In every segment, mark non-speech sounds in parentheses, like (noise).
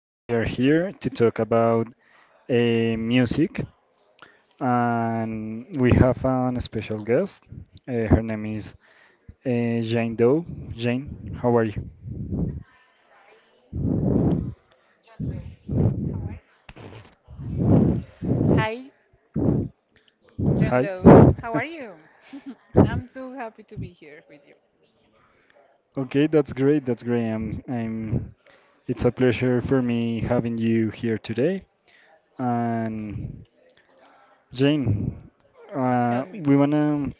we are here to talk about music, and we have an special guest. Her name is Jane Doe. Jane, how are you? Hi, John Hi. Doe. How are you? (laughs) (laughs) I'm so happy to be here with you. Okay, that's great. That's great. I'm, I'm. It's a pleasure for me having you here today. And Jane, Tell me. we wanna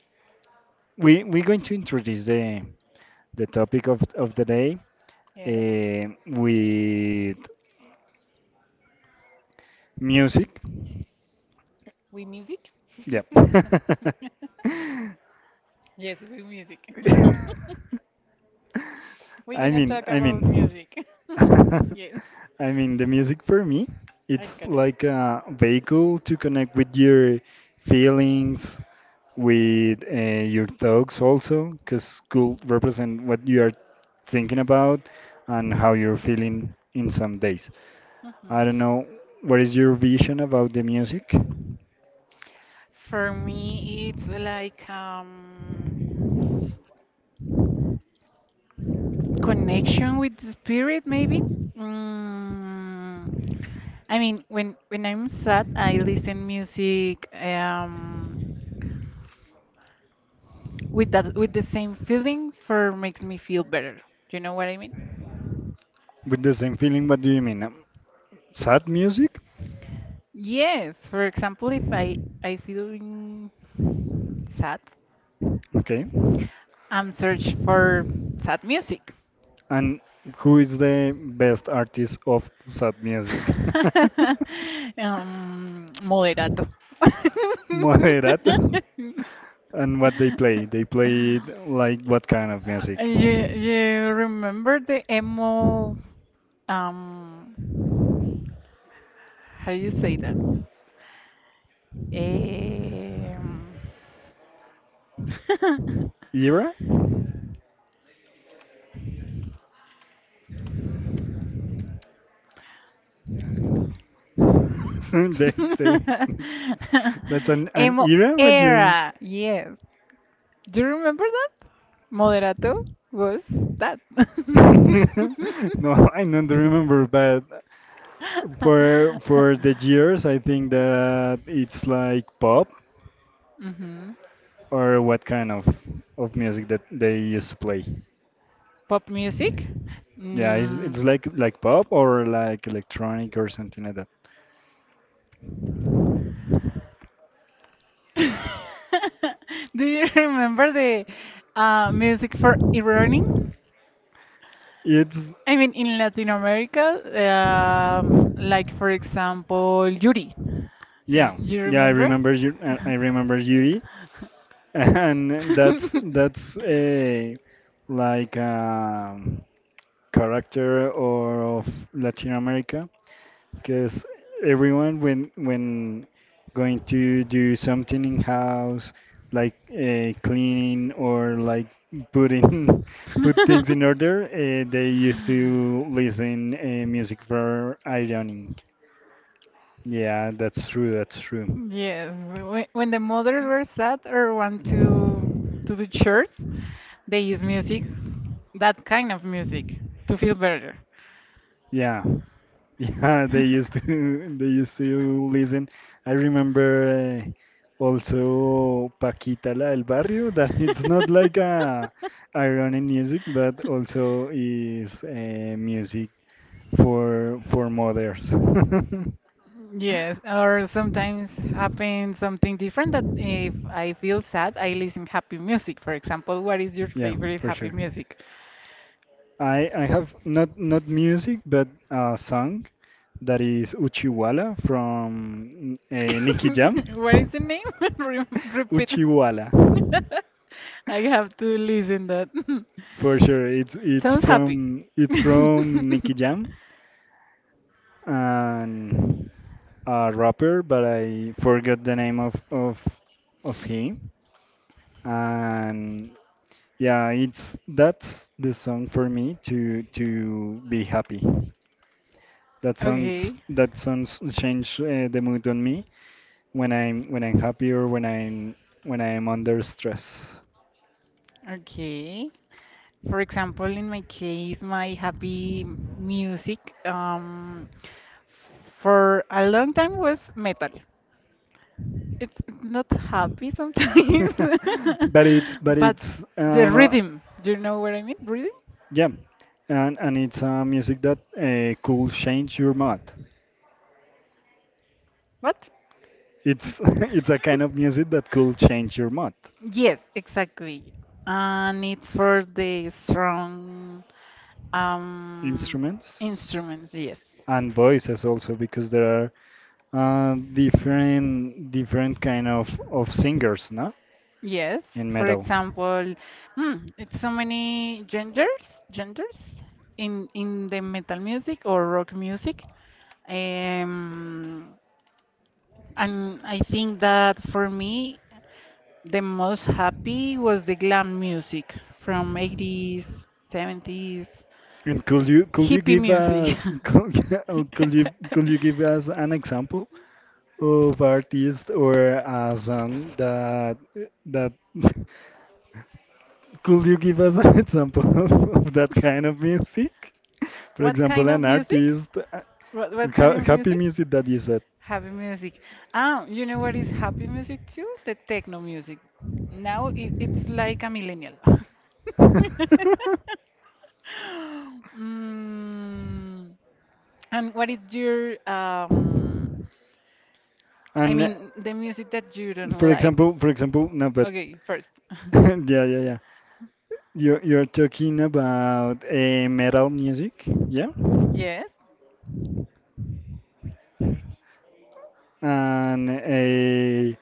we're going to introduce the topic of the day. Yes, With music. we music? Yeah. (laughs) (laughs) Yes, we music. (laughs) We're I gonna mean, talk I about mean, music. (laughs) (laughs) Yes, I mean, the music for me, I it's got it. like a vehicle to connect with your feelings, with your thoughts also, because could represent what you are thinking about and how you're feeling in some days. I Mhm. don't know. What is your vision about the music? For me, it's like connection with the spirit, maybe. Mm, I mean, when I'm sad, I listen music. With that with the same feeling for makes me feel better. Do you know what I mean? With the same feeling, what do you mean? Sad music? Yes, for example, if I feeling sad, Okay. I'm search for sad music. And who is the best artist of sad music? (laughs) Moderato. (laughs) Moderato. (laughs) And what they play? They play like what kind of music? You remember the emo? Um, how you say that? Eh, Um, (laughs) Era? (laughs) They- (laughs) they- (laughs) That's an Emo era when you're. era. Yes. Do you remember that? Moderato was that. (laughs) (laughs) No, I don't remember, but for the years, I think that it's like pop Mhm. or what kind of music that they used to play. Pop music. Yeah, it's Mm. like pop or like electronic or something like that. (laughs) Do you remember the music for e-learning? It's I mean, in Latin America, like for example, Yuri. Yeah, You yeah. I remember? remember you. I remember Yuri. And that's a like character or of Latin America because everyone when going to do something in house like cleaning or like putting (laughs) put things in (laughs) order they used to listen music for ironing yeah that's true Yes, when the mothers were sad or want to do chores, they use music, that kind of music, to feel better. yeah (laughs) Yeah, they used to (laughs) they used to listen. I remember also Paquita la del Barrio (laughs) that it's not like (laughs) a ironic music, but also is music for mothers. Yes, or sometimes happens something different that if I (laughs) feel sad, I listen happy music. For example, what is your Yeah, favorite for happy sure. music? I have not music but a song that is Uchiwala from Nicky Jam. (laughs) What is the name? (laughs) (laughs) Repeat. Uchiwala. (laughs) I have to listen that. (laughs) For sure, it's Sounds happy. from (laughs) Nicky Jam and a rapper, but I forgot the name of him. And yeah, it's that's the song for me to be happy. That songs Okay, that songs change the mood on me when I'm happy or when I'm under stress. okay. For example, in my case, my happy music for a long time was metal. It's not happy sometimes, (laughs) But (laughs) but it's the rhythm, do you know what I mean? Rhythm? yeah, and it's music that could change your mood. What? It's (laughs) it's a kind of music that could change your mood. Yes, exactly. And it's for the strong um Instruments instruments, yes. and voices also because there are different kind of singers, no, Yes, in for metal. example, it's so many genders, genders in the metal music or rock music. Um, and I think that for me, the most happy was the glam music from 80s, 70s, And could you hippie give music. us (laughs) could you give (laughs) us an example of artist or a song that that (laughs) could you give us an example (laughs) of that kind of music? For What example, kind of an music? artist, What ha kind of happy music? music that you said. Happy music. Ah, you know what is happy music too? The techno music. Now it's like a millennial. (laughs) (laughs) Mm, and what is your I And mean the music that you don't for like? example, for example, no, but Okay, first. (laughs) (laughs) yeah, yeah, yeah. You're talking about metal music, yeah, Yes. and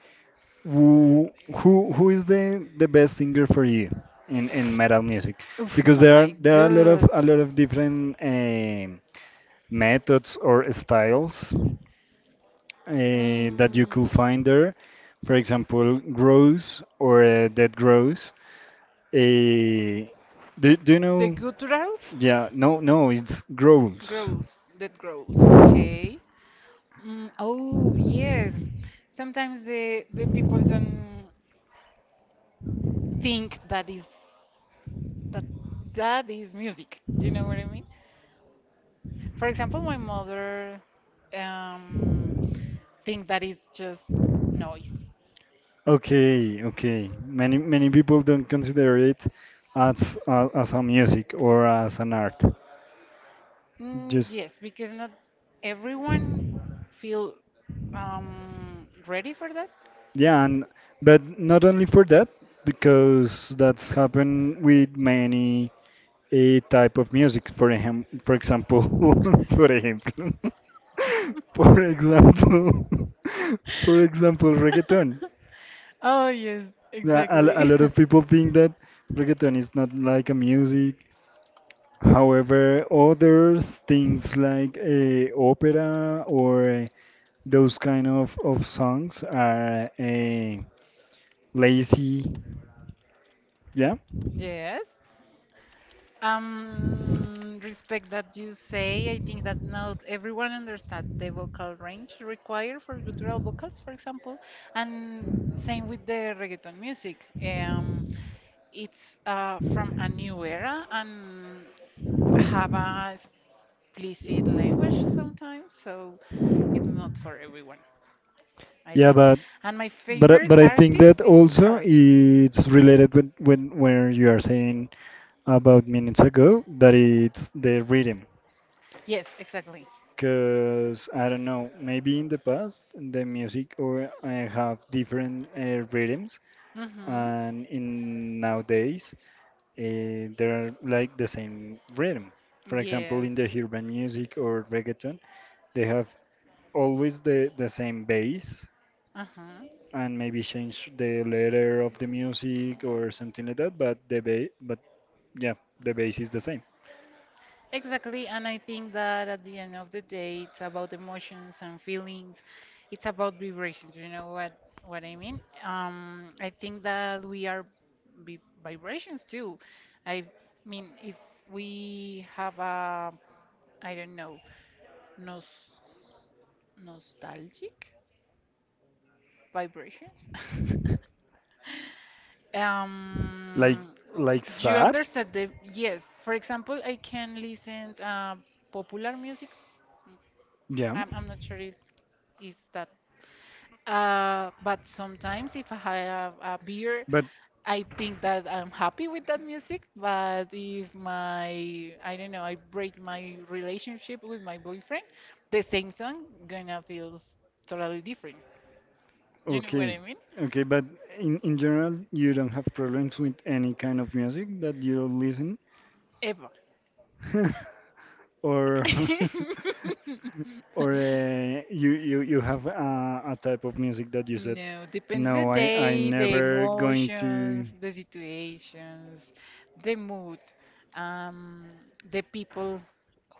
who is the best singer for you in metal music? Oof, Because there are my there are a lot of God. Different methods or styles that you Mm, could find there. For example, grows or dead grows. Uh, do you the know? gutturals? Yeah, no, it's grows. Growls, that growls. Okay. Mm, oh, yes. Sometimes the people don't think that is that that is music. You know what I mean? For example, my mother um, think that is just noise. Okay, okay. Many people don't consider it as a music or as an art. Mm, Just. yes, because not everyone feel ready for that. Yeah, and but not only for that, because that's happened with many a type of music. For him, for example, (laughs) for ejemplo, (laughs) for example, (laughs) for example, reggaeton. (laughs) Oh yes, A exactly. lot of people think that reggaeton is not like a music. However, others things like opera or those kind of songs are lazy. Yeah, (laughs) Yes. Respect that you say. I think that not everyone understands the vocal range required for guttural vocals, for example, and same with the reggaeton music. It's from a new era and have a explicit language sometimes, so it's not for everyone, I yeah, think. but And my favorite but I think artist that is also her. it's related with when where you are saying about minutes ago that it's the rhythm. Yes, exactly. Because I don't know, maybe in the past the music or I have different rhythms Mm-hmm. and in nowadays they're like the same rhythm. For example, Yes. in the urban music or reggaeton, they have always the same bass Uh-huh. and maybe change the letter of the music or something like that, but but yeah, the bass is the same. Exactly, and I think that at the end of the day, it's about emotions and feelings. It's about vibrations. You know what I mean? I think that we are vibrations too. I mean, if we have a, I don't know, nos nostalgic vibrations. (laughs) Like um, you sad? understand the yes. For example, I can listen popular music. Yeah. I'm not sure if is that. But sometimes if I have a beer, But I think that I'm happy with that music. But if my, I don't know, I break my relationship with my boyfriend, the same song gonna feels totally different. Do you know what okay, I mean? okay, but in general, you don't have problems with any kind of music that you listen, Eva. (laughs) or (laughs) or (laughs) you have a type of music that you said, No, depends the no, I day, the never going to. emotions, the situations, the mood, um, the people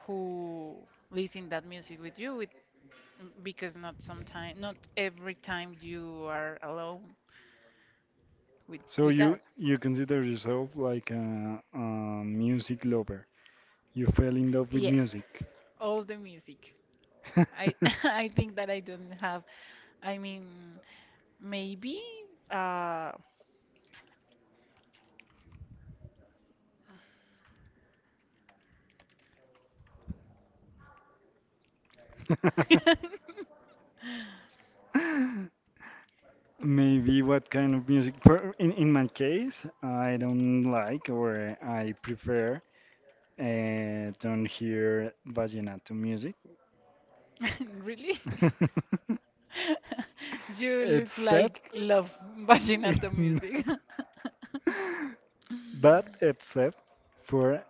who listen that music with you. Because not sometime, not every time you are alone with So with you that. you consider yourself like a music lover. You fell in love with Yes, music. all the music. I (laughs) (laughs) I think that I don't have. I mean, maybe. Uh, (laughs) Maybe what kind of music? For in my case, I don't like or I prefer don't hear vallenato music, really? (laughs) (laughs) You looks except like love vallenato (laughs) music. (laughs) but except for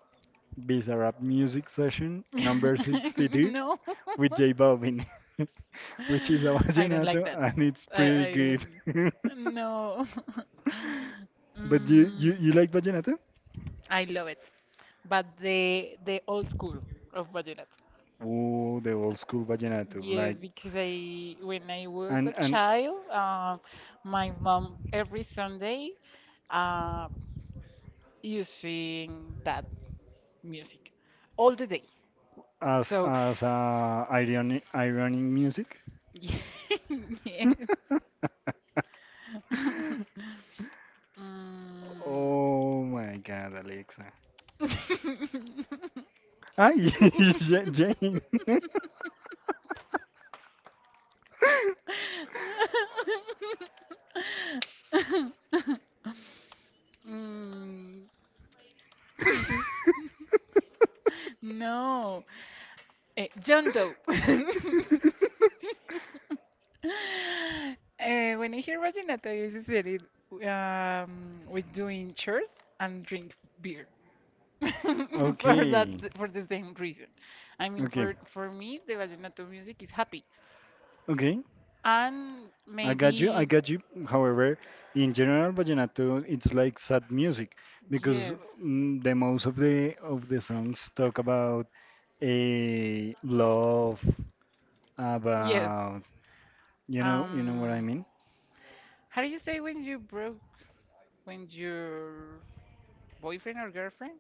Bizarrap Music Session number 62 No, with J Balvin, (laughs) which is a (laughs) I don't vallenato like that. and it's pretty I good. don't. (laughs) No. (laughs) But you, you Mm, you like vallenato? I love it. But the old school of vallenato. Oh, the old school vallenato, Yes, like because I when I was a and child, my mom every Sunday uh, using that music all the day. So as ironic music. yeah. (laughs) Yeah. (laughs) (laughs) Mm. Oh my God, Alexa. (laughs) Ay, (laughs) Jane. (laughs) Mm. (laughs) No. John Doe. (laughs) When I hear Rajonata, I associate it with doing chores and drink beer. (laughs) For that Okay. For the same reason. I mean, Okay. For me, the vallenato music is happy, Okay. and I maybe got you. However, in general, vallenato it's like sad music because yes, the most of the songs talk about a love, yes. about you know what I Um, mean? how do you say when you broke when your boyfriend or girlfriend?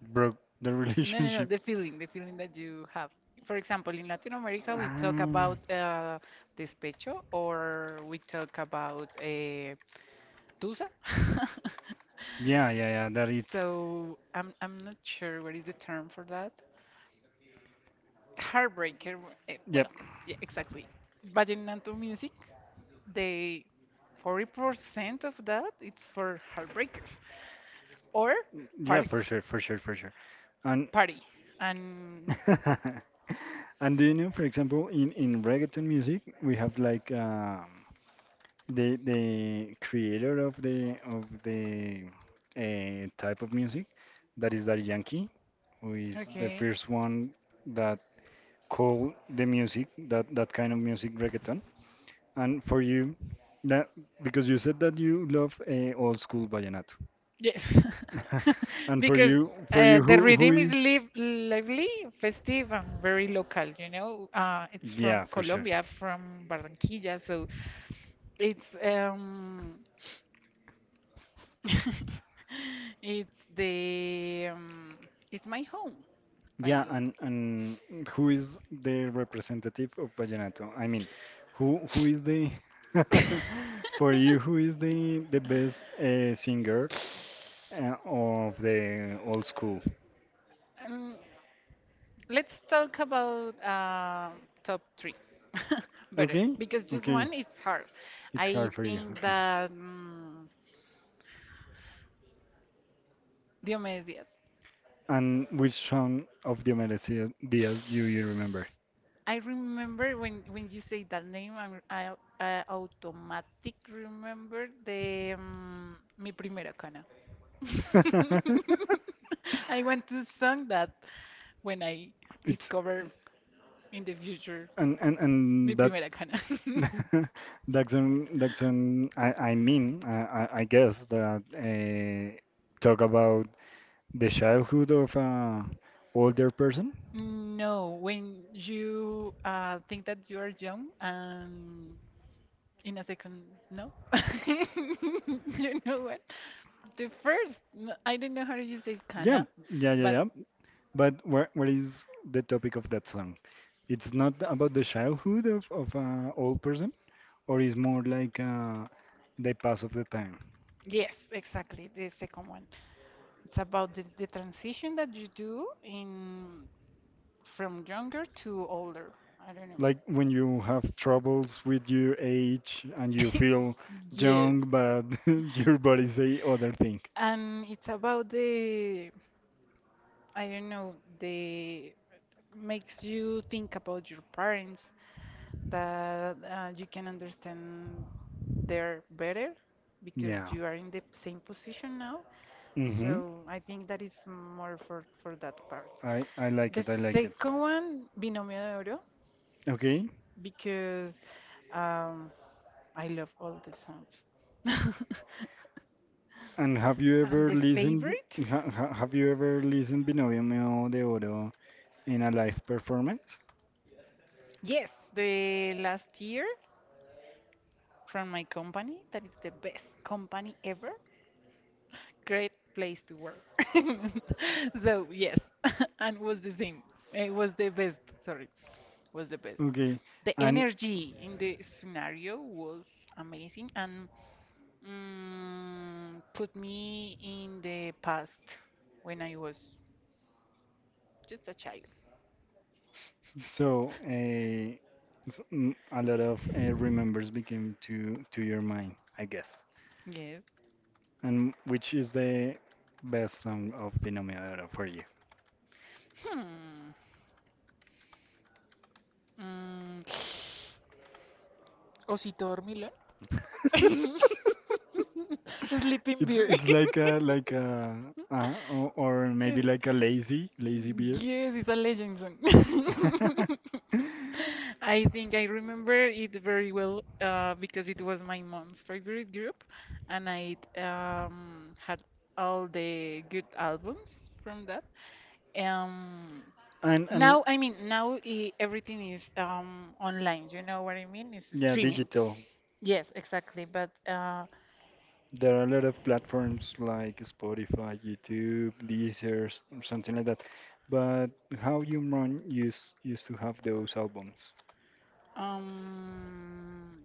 Broke the (laughs) No, no, no. relationship. The feeling that you have. For example, in Latin America, we talk Ah, about despecho, or we talk about Tusa? (laughs) Yeah. That it's So I'm not sure what is the term for that. Heartbreaker. Yep, Well, yeah, exactly. Vallenato music. They 40% of that it's for heartbreakers or parties. For sure. And Party. And (laughs) and do you know, for example, in reggaeton music, we have like the creator of the type of music that is Daddy Yankee, who is the okay. first one that called the music that kind of music reggaeton. And for you, that because you said that you love old school vallenato. Yes. (laughs) (laughs) And Because for you, the who rhythm is is? Lively, festive, and very local, you know. It's Yeah, from for sure. Colombia, from Barranquilla, so it's (laughs) it's the it's my home Yeah, finally. And who is the representative of vallenato? I mean, who is the (laughs) (laughs) for you? Who is the best singer of the old school? Um, let's talk about top three (laughs) better Okay, because just okay, one it's hard. it's I hard for you. think Okay, that Diomedes. and which song of the Mercedes Diaz do you remember? I remember when you say that name, I automatic remember the Mi Primera Cana. (laughs) (laughs) I want to sing that when I it's discover in the future and Mi that Primera Cana. (laughs) (laughs) that's an I mean I guess that talk about the childhood of a older person. No, when you think that you are young and in a second, no. (laughs) (laughs) You know what? The first, I don't know how you say Yeah, kana, yeah. but But what is the topic of that song? It's not about the childhood of an old person, or is more like the pass of the time. yes, exactly, the second one. It's about the transition that you do in from younger to older. I don't know. Like when you have troubles with your age and you feel (laughs) Yes. young, but (laughs) your body say other thing. And it's about the, I don't know, the makes you think about your parents, that you can understand there better because Yeah. You you are in the are same position now. mm-hmm. So I think that is more for that part. I like The it. I like it. second one, Binomio de Oro, Okay. because um, I love all the songs. (laughs) And have you And ever the listened? favorite? Have you ever listened Binomio Meo de Oro in a live performance? Yes, the last year from my company, that is the best company ever. Great place to work. (laughs) So yes, (laughs) and was the same. It was the best. Sorry, was the best. Okay. The And energy in the scenario was amazing and put me in the past when I was just a child. so, a lot of remembers became to your mind, I guess. Yes. And which is the best song of Binomio de Oro for you? Hmm. Mm. (sniffs) Osito Dormilón. (laughs) (laughs) Sleeping It's Beauty. Like a or maybe (laughs) like a (laughs) lazy beer. (laughs) Yes, it's a legend song. (laughs) I think I remember it very well because it was my mom's favorite group, and I had all the good albums from that. Um, And now, I mean, now I everything is online. You know what I mean? It's yeah, streaming. digital. Yes, exactly. But There are a lot of platforms like Spotify, YouTube, Deezer, or something like that. But how you run used to have those albums. um,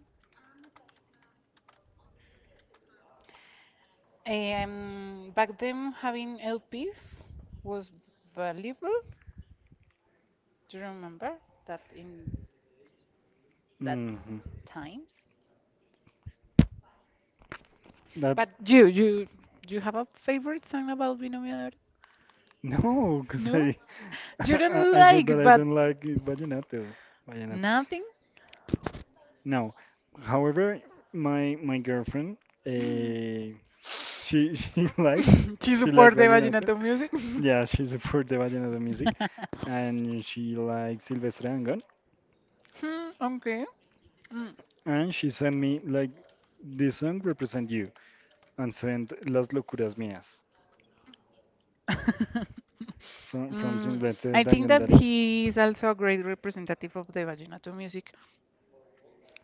back then, having LPs was valuable. Do you remember that in that Hmm. times? That But you, do you have a favorite song about Binomio de Oro? (laughs) no, because No? I You (laughs) don't I said that like, I but don't like vallenato. Vallenato. nothing? No. However, my girlfriend, (laughs) (laughs) uh, she (laughs) She she like support the vallenato. Vallenato music? (laughs) Yeah, she supports the vallenato music, and she likes Silvestre Dangond. Hmm, okay. Mm. And she sent me like this song represent you, and sent Las locuras mías (laughs) from Mm, Silvestre I think Dangond. that That is he is also a great representative of the Vallenato music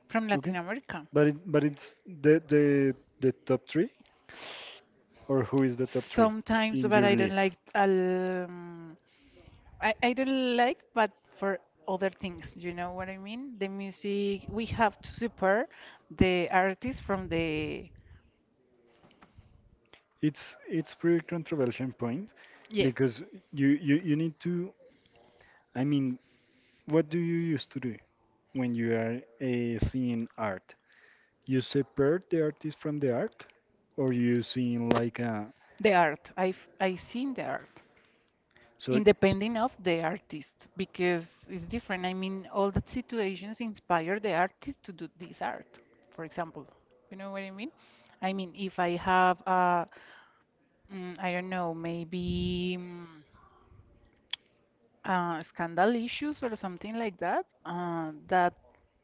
from okay, Latin America. but it's the the top three or who is the top three Sometimes, in but your I don't like. list? I don't like, but for other things, you know what I mean? The music, we have to support the artist from the It's pretty controversial point Yes. because you need to. I mean, what do you used to do when you are seeing art? You separate the artist from the art, or you seeing like a The art. I seen the art, so independent of the artist, because it's different. I mean, all that situations inspire the artist to do this art, for example. You know what I mean? I mean, if I have a, I don't know, maybe. Scandal issues or something like that that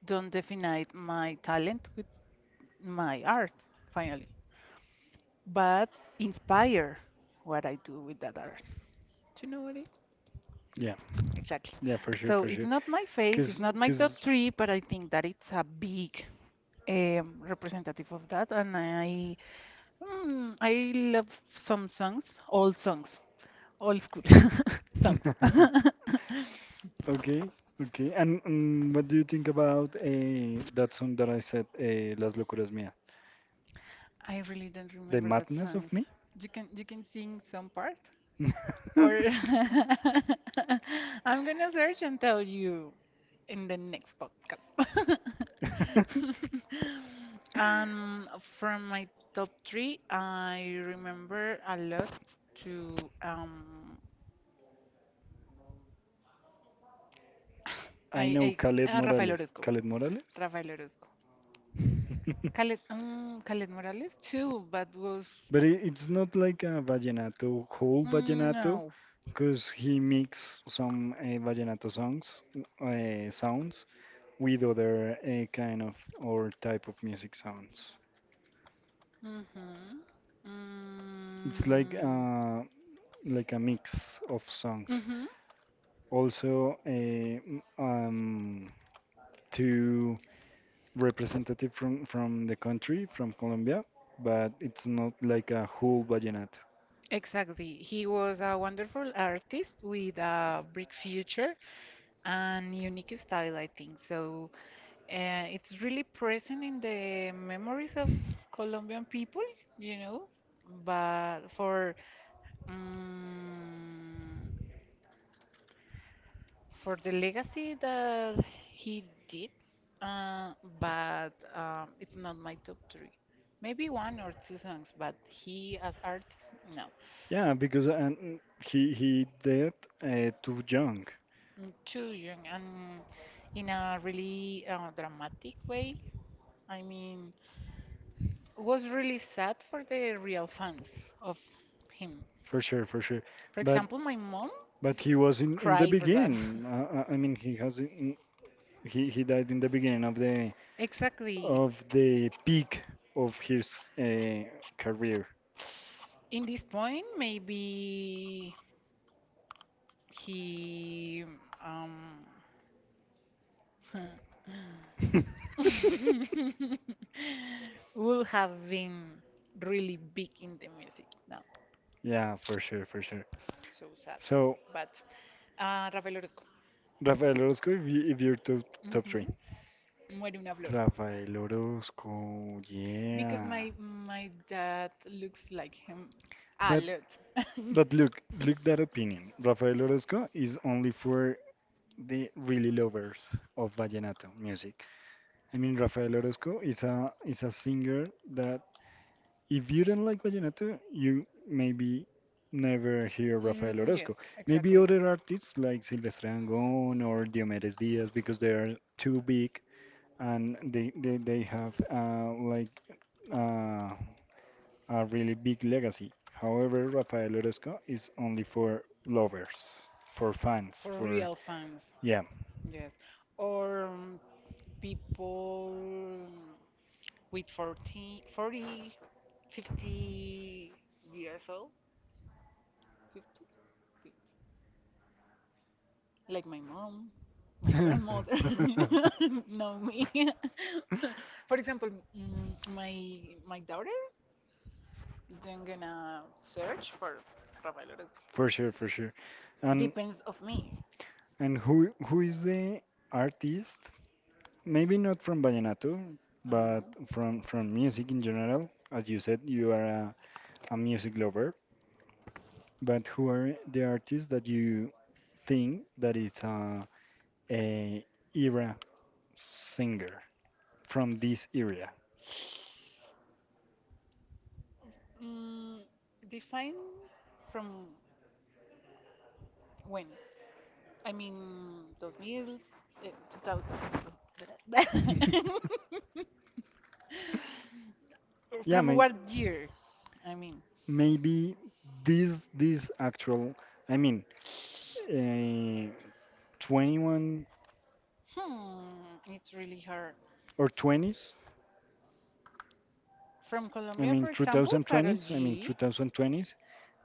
don't define my talent with my art finally but inspire what I do with that art do you know what I yeah exactly yeah for sure so it's not my fave it's because not my top three but I think that it's a big representative of that and I I love some songs all songs old school (laughs) songs (laughs) (laughs) Okay, okay. And what do you think about that song that I said, Las locuras mía? I really don't The remember that madness of songs. me? You can sing some part (laughs) or (laughs) I'm gonna search and tell you in the next podcast. (laughs) Um, from my top three, I remember a lot to um, I I, know I Khaled Rafael Morales. Orozco, Khaled Morales? Rafael Orozco, Khaled, Khaled Morales (laughs) too, but was But it's not like a whole vallenato, no. because he mix some vallenato songs, sounds with other kind of or type of music sounds. Mm-hmm. It's Mm, like a mix of songs. hmm. Also, two representative from the country, from Colombia, but it's not like a whole vallenato. Exactly. He was a wonderful artist with a big future and unique style, I think. So it's really present in the memories of Colombian people, you know, but um, for the legacy that he did, uh, but it's not my top three. Maybe one or two songs, but he as artist, no. Yeah, because and he did too young, Mm, too young and in a really dramatic way. I mean, was really sad for the real fans of him. For sure. For But example, my mom he was in the cried for that. beginning. (laughs) I mean, he died in the beginning of the Exactly. Peak of his career. In this point, maybe he um (laughs) (laughs) will have been really big in the music now. Yeah, for sure. So sad, So but Rafael Orozco. Rafael Orozco, if, you, if you're top Hmm. three. Muere una flor. Rafael Orozco, Because my yeah. my dad looks like him a But lot. (laughs) Look, that opinion. Rafael Orozco is only for the really lovers of vallenato music. I mean, Rafael Orozco is a singer that if you don't like vallenato, you maybe never hear Mm, Rafael yes, Orozco. exactly. Maybe other artists like Silvestre Angón or Diomedes Díaz because they are too big and they have like uh, a really big legacy. However, Rafael Orozco is only for lovers, for fans, For real for fans, yeah. yes. Or people with 40, 40, 50 years old, 50, fifty. Like my mom, my grandmother (laughs) (laughs) know me. (laughs) For example, my daughter then gonna search for Rafael Orozco. For sure, for sure. And Depends of me. who is the artist? Maybe not from vallenato, Uh-huh. but from music in general. As you said, you are a music lover. But who are the artists that you think that is a era singer from this area? Mm, Define from when? I mean, 2000, 2000. (laughs) (laughs) From Yeah, what year? I mean, maybe this actual. I mean, uh, 21 it's really hard. or 20s, From Colombia, I for mean example, Carol 2020s. I mean G. 2020s.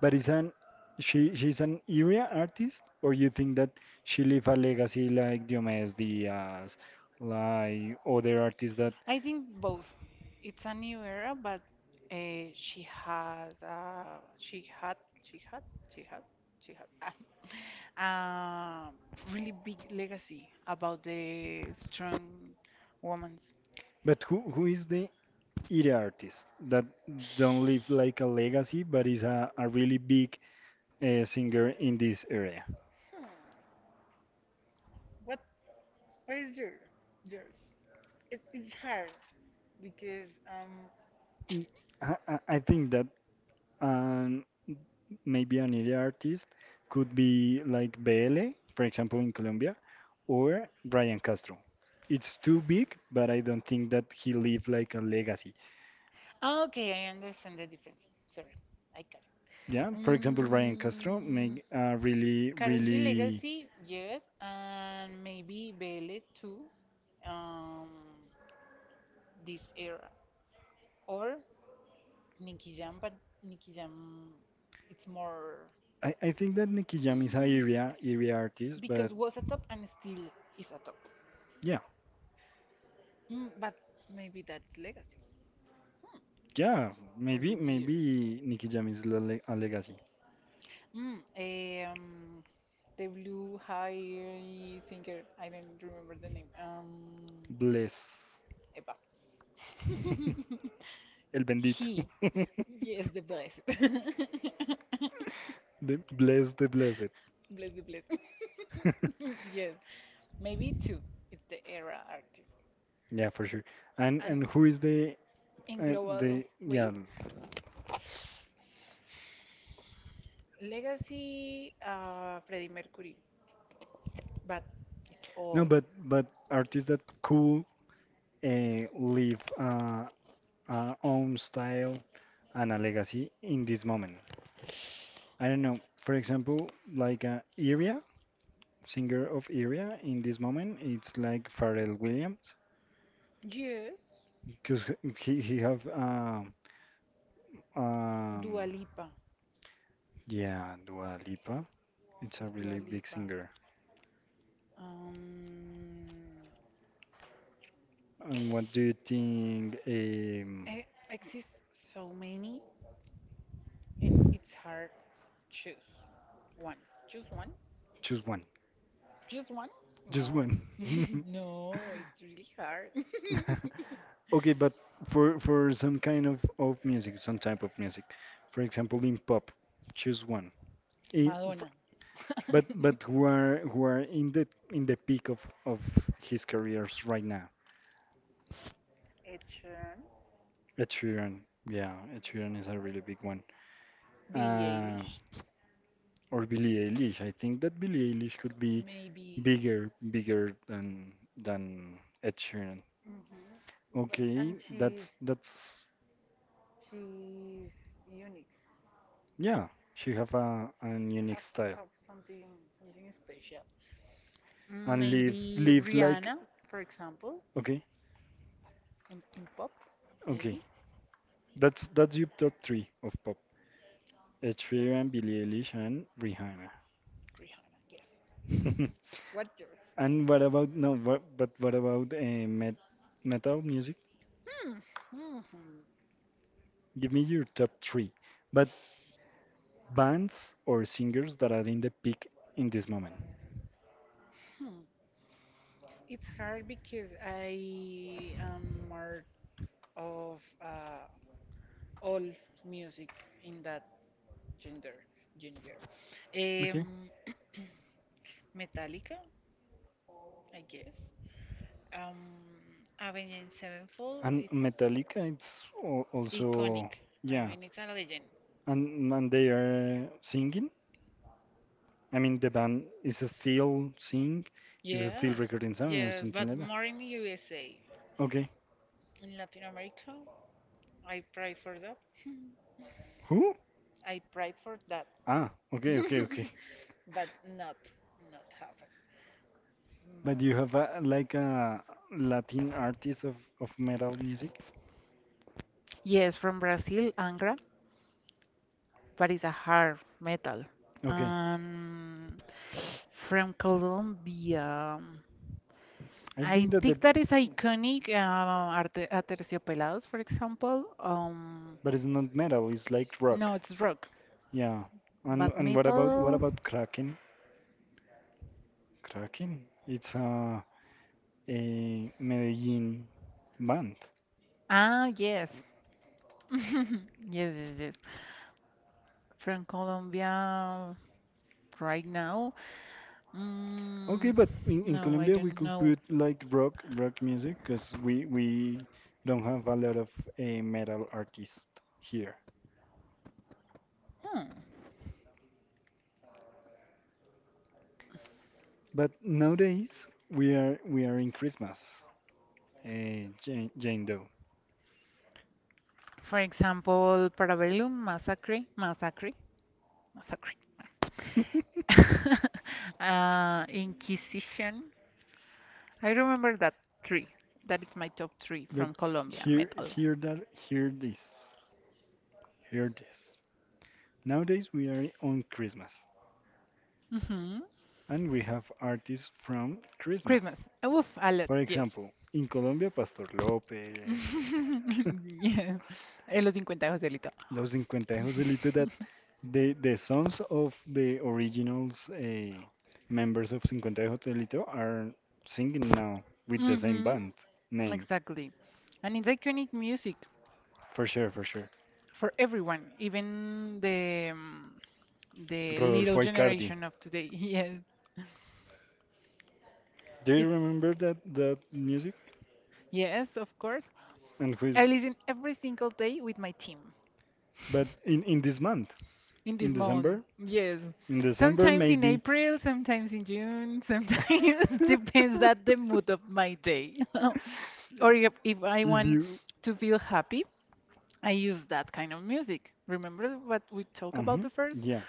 But is an she's an area artist, or you think that she leave a legacy like Diomedes Diaz, like other artists that? I think both. It's a new era, but she has, she had, she had, she has, she had, a really big legacy about the strong women's. But who is the area artist that don't leave like a legacy, but is a really big singer in this area? Hmm. What what is yours? It's hard because Mm, I think that and maybe an area artist could be like BL, for example, in Colombia, or Brian Castro. It's too big, but I don't think that he leave like a legacy. okay, I understand the difference. Sorry, I got Yeah, it. for example, Brian Castro make a really, Karol G really. legacy, yes, and maybe Belle too, um, this era. Or Nicky Jam, but Nicky Jam, it's more. I think that Nicky Jam is a Mm, area artist, because but was a top and still is a top. yeah, But maybe that's legacy yeah, for the maybe years. maybe Nicky Jam is a legacy. Mm, um, the blue hairy singer. I don't remember the name. Bless. Eva. (laughs) El bendito. he. Yes, (laughs) the blessed. (laughs) bless The blessed, the blessed. the blessed. (laughs) Yes, maybe (laughs) two. It's the era artist. Yeah, for sure. And And who is the in uh, global the yeah? way, legacy Freddie Mercury, but it's No, all. But artists that could leave own style and a legacy in this moment. I don't know. For example, like Iria singer of area in this moment it's like Pharrell Williams Yes. because he have um Dua Lipa. yeah, Dua Lipa. It's a Dua really big Lipa. singer. Um, And what do you think? Eh, Exist so many, and it's hard choose one. Choose one. Choose one. Just one. Just No, one. (laughs) (laughs) no, it's really hard. (laughs) Okay, but for some kind of music, some type of music, for example, in pop, choose one. (laughs) In Madonna. but but (laughs) who are who are in the peak of his careers right now. Ed Sheeran, Ed Sheeran, yeah, Ed for Sheeran is a example. really big one. Billie Uh, Eilish. or Billie Eilish. I think that Billie Eilish could be Maybe bigger than Ed Sheeran. hmm But and Okay, she's that's She's unique. yeah. She have a an unique Has to style have something something special. And live Maybe live like Rihanna, for example, okay, in pop, okay. maybe. That's your top three of pop. Ed Sheeran, Yes. Billie Eilish, and Rihanna. Rihanna. Yes. (laughs) What yours? And what about no? What, but what about metal music? Hmm. hmm, Hmm. Give me your top three, but bands or singers that are in the peak in this moment. Hmm. It's hard because I am more of all music in that gender. Gender. Um, Metallica, I guess. Um, Avenged Have. Sevenfold. And It's Metallica, it's iconic. also I yeah, mean, it's a legend. and they are singing. I mean, the band is still sing, is still Yes, recording some or yes, something but like that. more in USA. Okay. In Latin America, I pray for that. (laughs) Who? I pride for that. Ah, okay, okay, okay. (laughs) But not, not happen. But you have a, like a Latin artist of metal music? Yes, from Brazil, Angra, but it's a hard metal. Okay. Um, from Colombia, I I think that the think that is iconic. Aterciopelados, for example. But it's not metal, it's like rock. No, it's rock, Yeah. And but what metal. about Kraken? Kraken? It's a Medellin band. Ah, yes. (laughs) Yes, yes, yes. From Colombia right now? Mm, Okay, but in no, I Colombia we don't could know. put like rock rock music because we don't have a lot of metal artists here. Hmm. But nowadays we are in Christmas, Jane, Jane Doe. For example, Parabellum Massacre, Massacre, Massacre. (laughs) (laughs) Inquisition. I remember that three. That is my top three But from Colombia hear metal. hear that hear this hear this. Nowadays we are on Christmas hmm and we have artists from Christmas. Christmas. Uf, a lot, For yes. example, in Colombia, Pastor López. (laughs) (laughs) Yes. Eh, Los 50 de Joselito. Los Cincuentejos, the little that the songs of the originals members of Cincuentejos Delito are singing now with the same Mhm. band name. Exactly. And it's iconic music For sure, for sure. for everyone, even the little Rodolfo Icardi. generation of today. (laughs) Do you Yes. It's remember that music? yes, of course. And who is I listen every single day with my team but in this month, (laughs) in in this month. December, Yes. in December Sometimes in maybe. April, sometimes in June, sometimes (laughs) depends (laughs) that the mood of my day. (laughs) Or if I If want you, to feel happy, I use that kind of music. Remember what we talked uh about the first? yeah,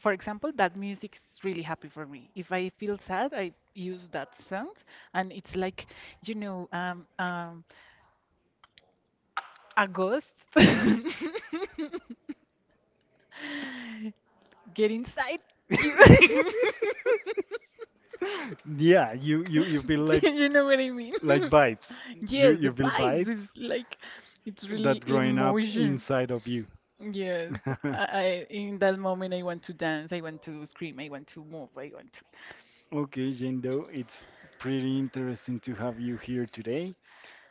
For example, that music is really happy for me. If I feel sad, I use that song, and it's like, you know, a ghost. (laughs) Get inside you. (laughs) (laughs) yeah, you feel Do you know what I mean? like (laughs) vibes. You Yes, the you feel vibes is vibes like, it's that really growing up emotion. inside of you. Yes, (laughs) I in that moment I want to dance, I want to scream, I want to move, I want to Okay, Jendo, it's pretty interesting to have you here today.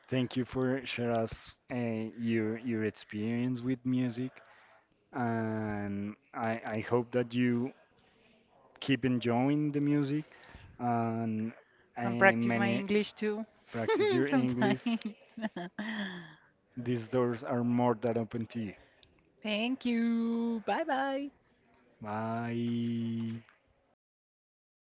Thank you for sharing us your experience with music, and I hope that you keep enjoying the music and uh, and practice my many English too practice your (laughs) English. sometimes. (laughs) These doors are more than open to you. Thank you. Bye bye. Bye.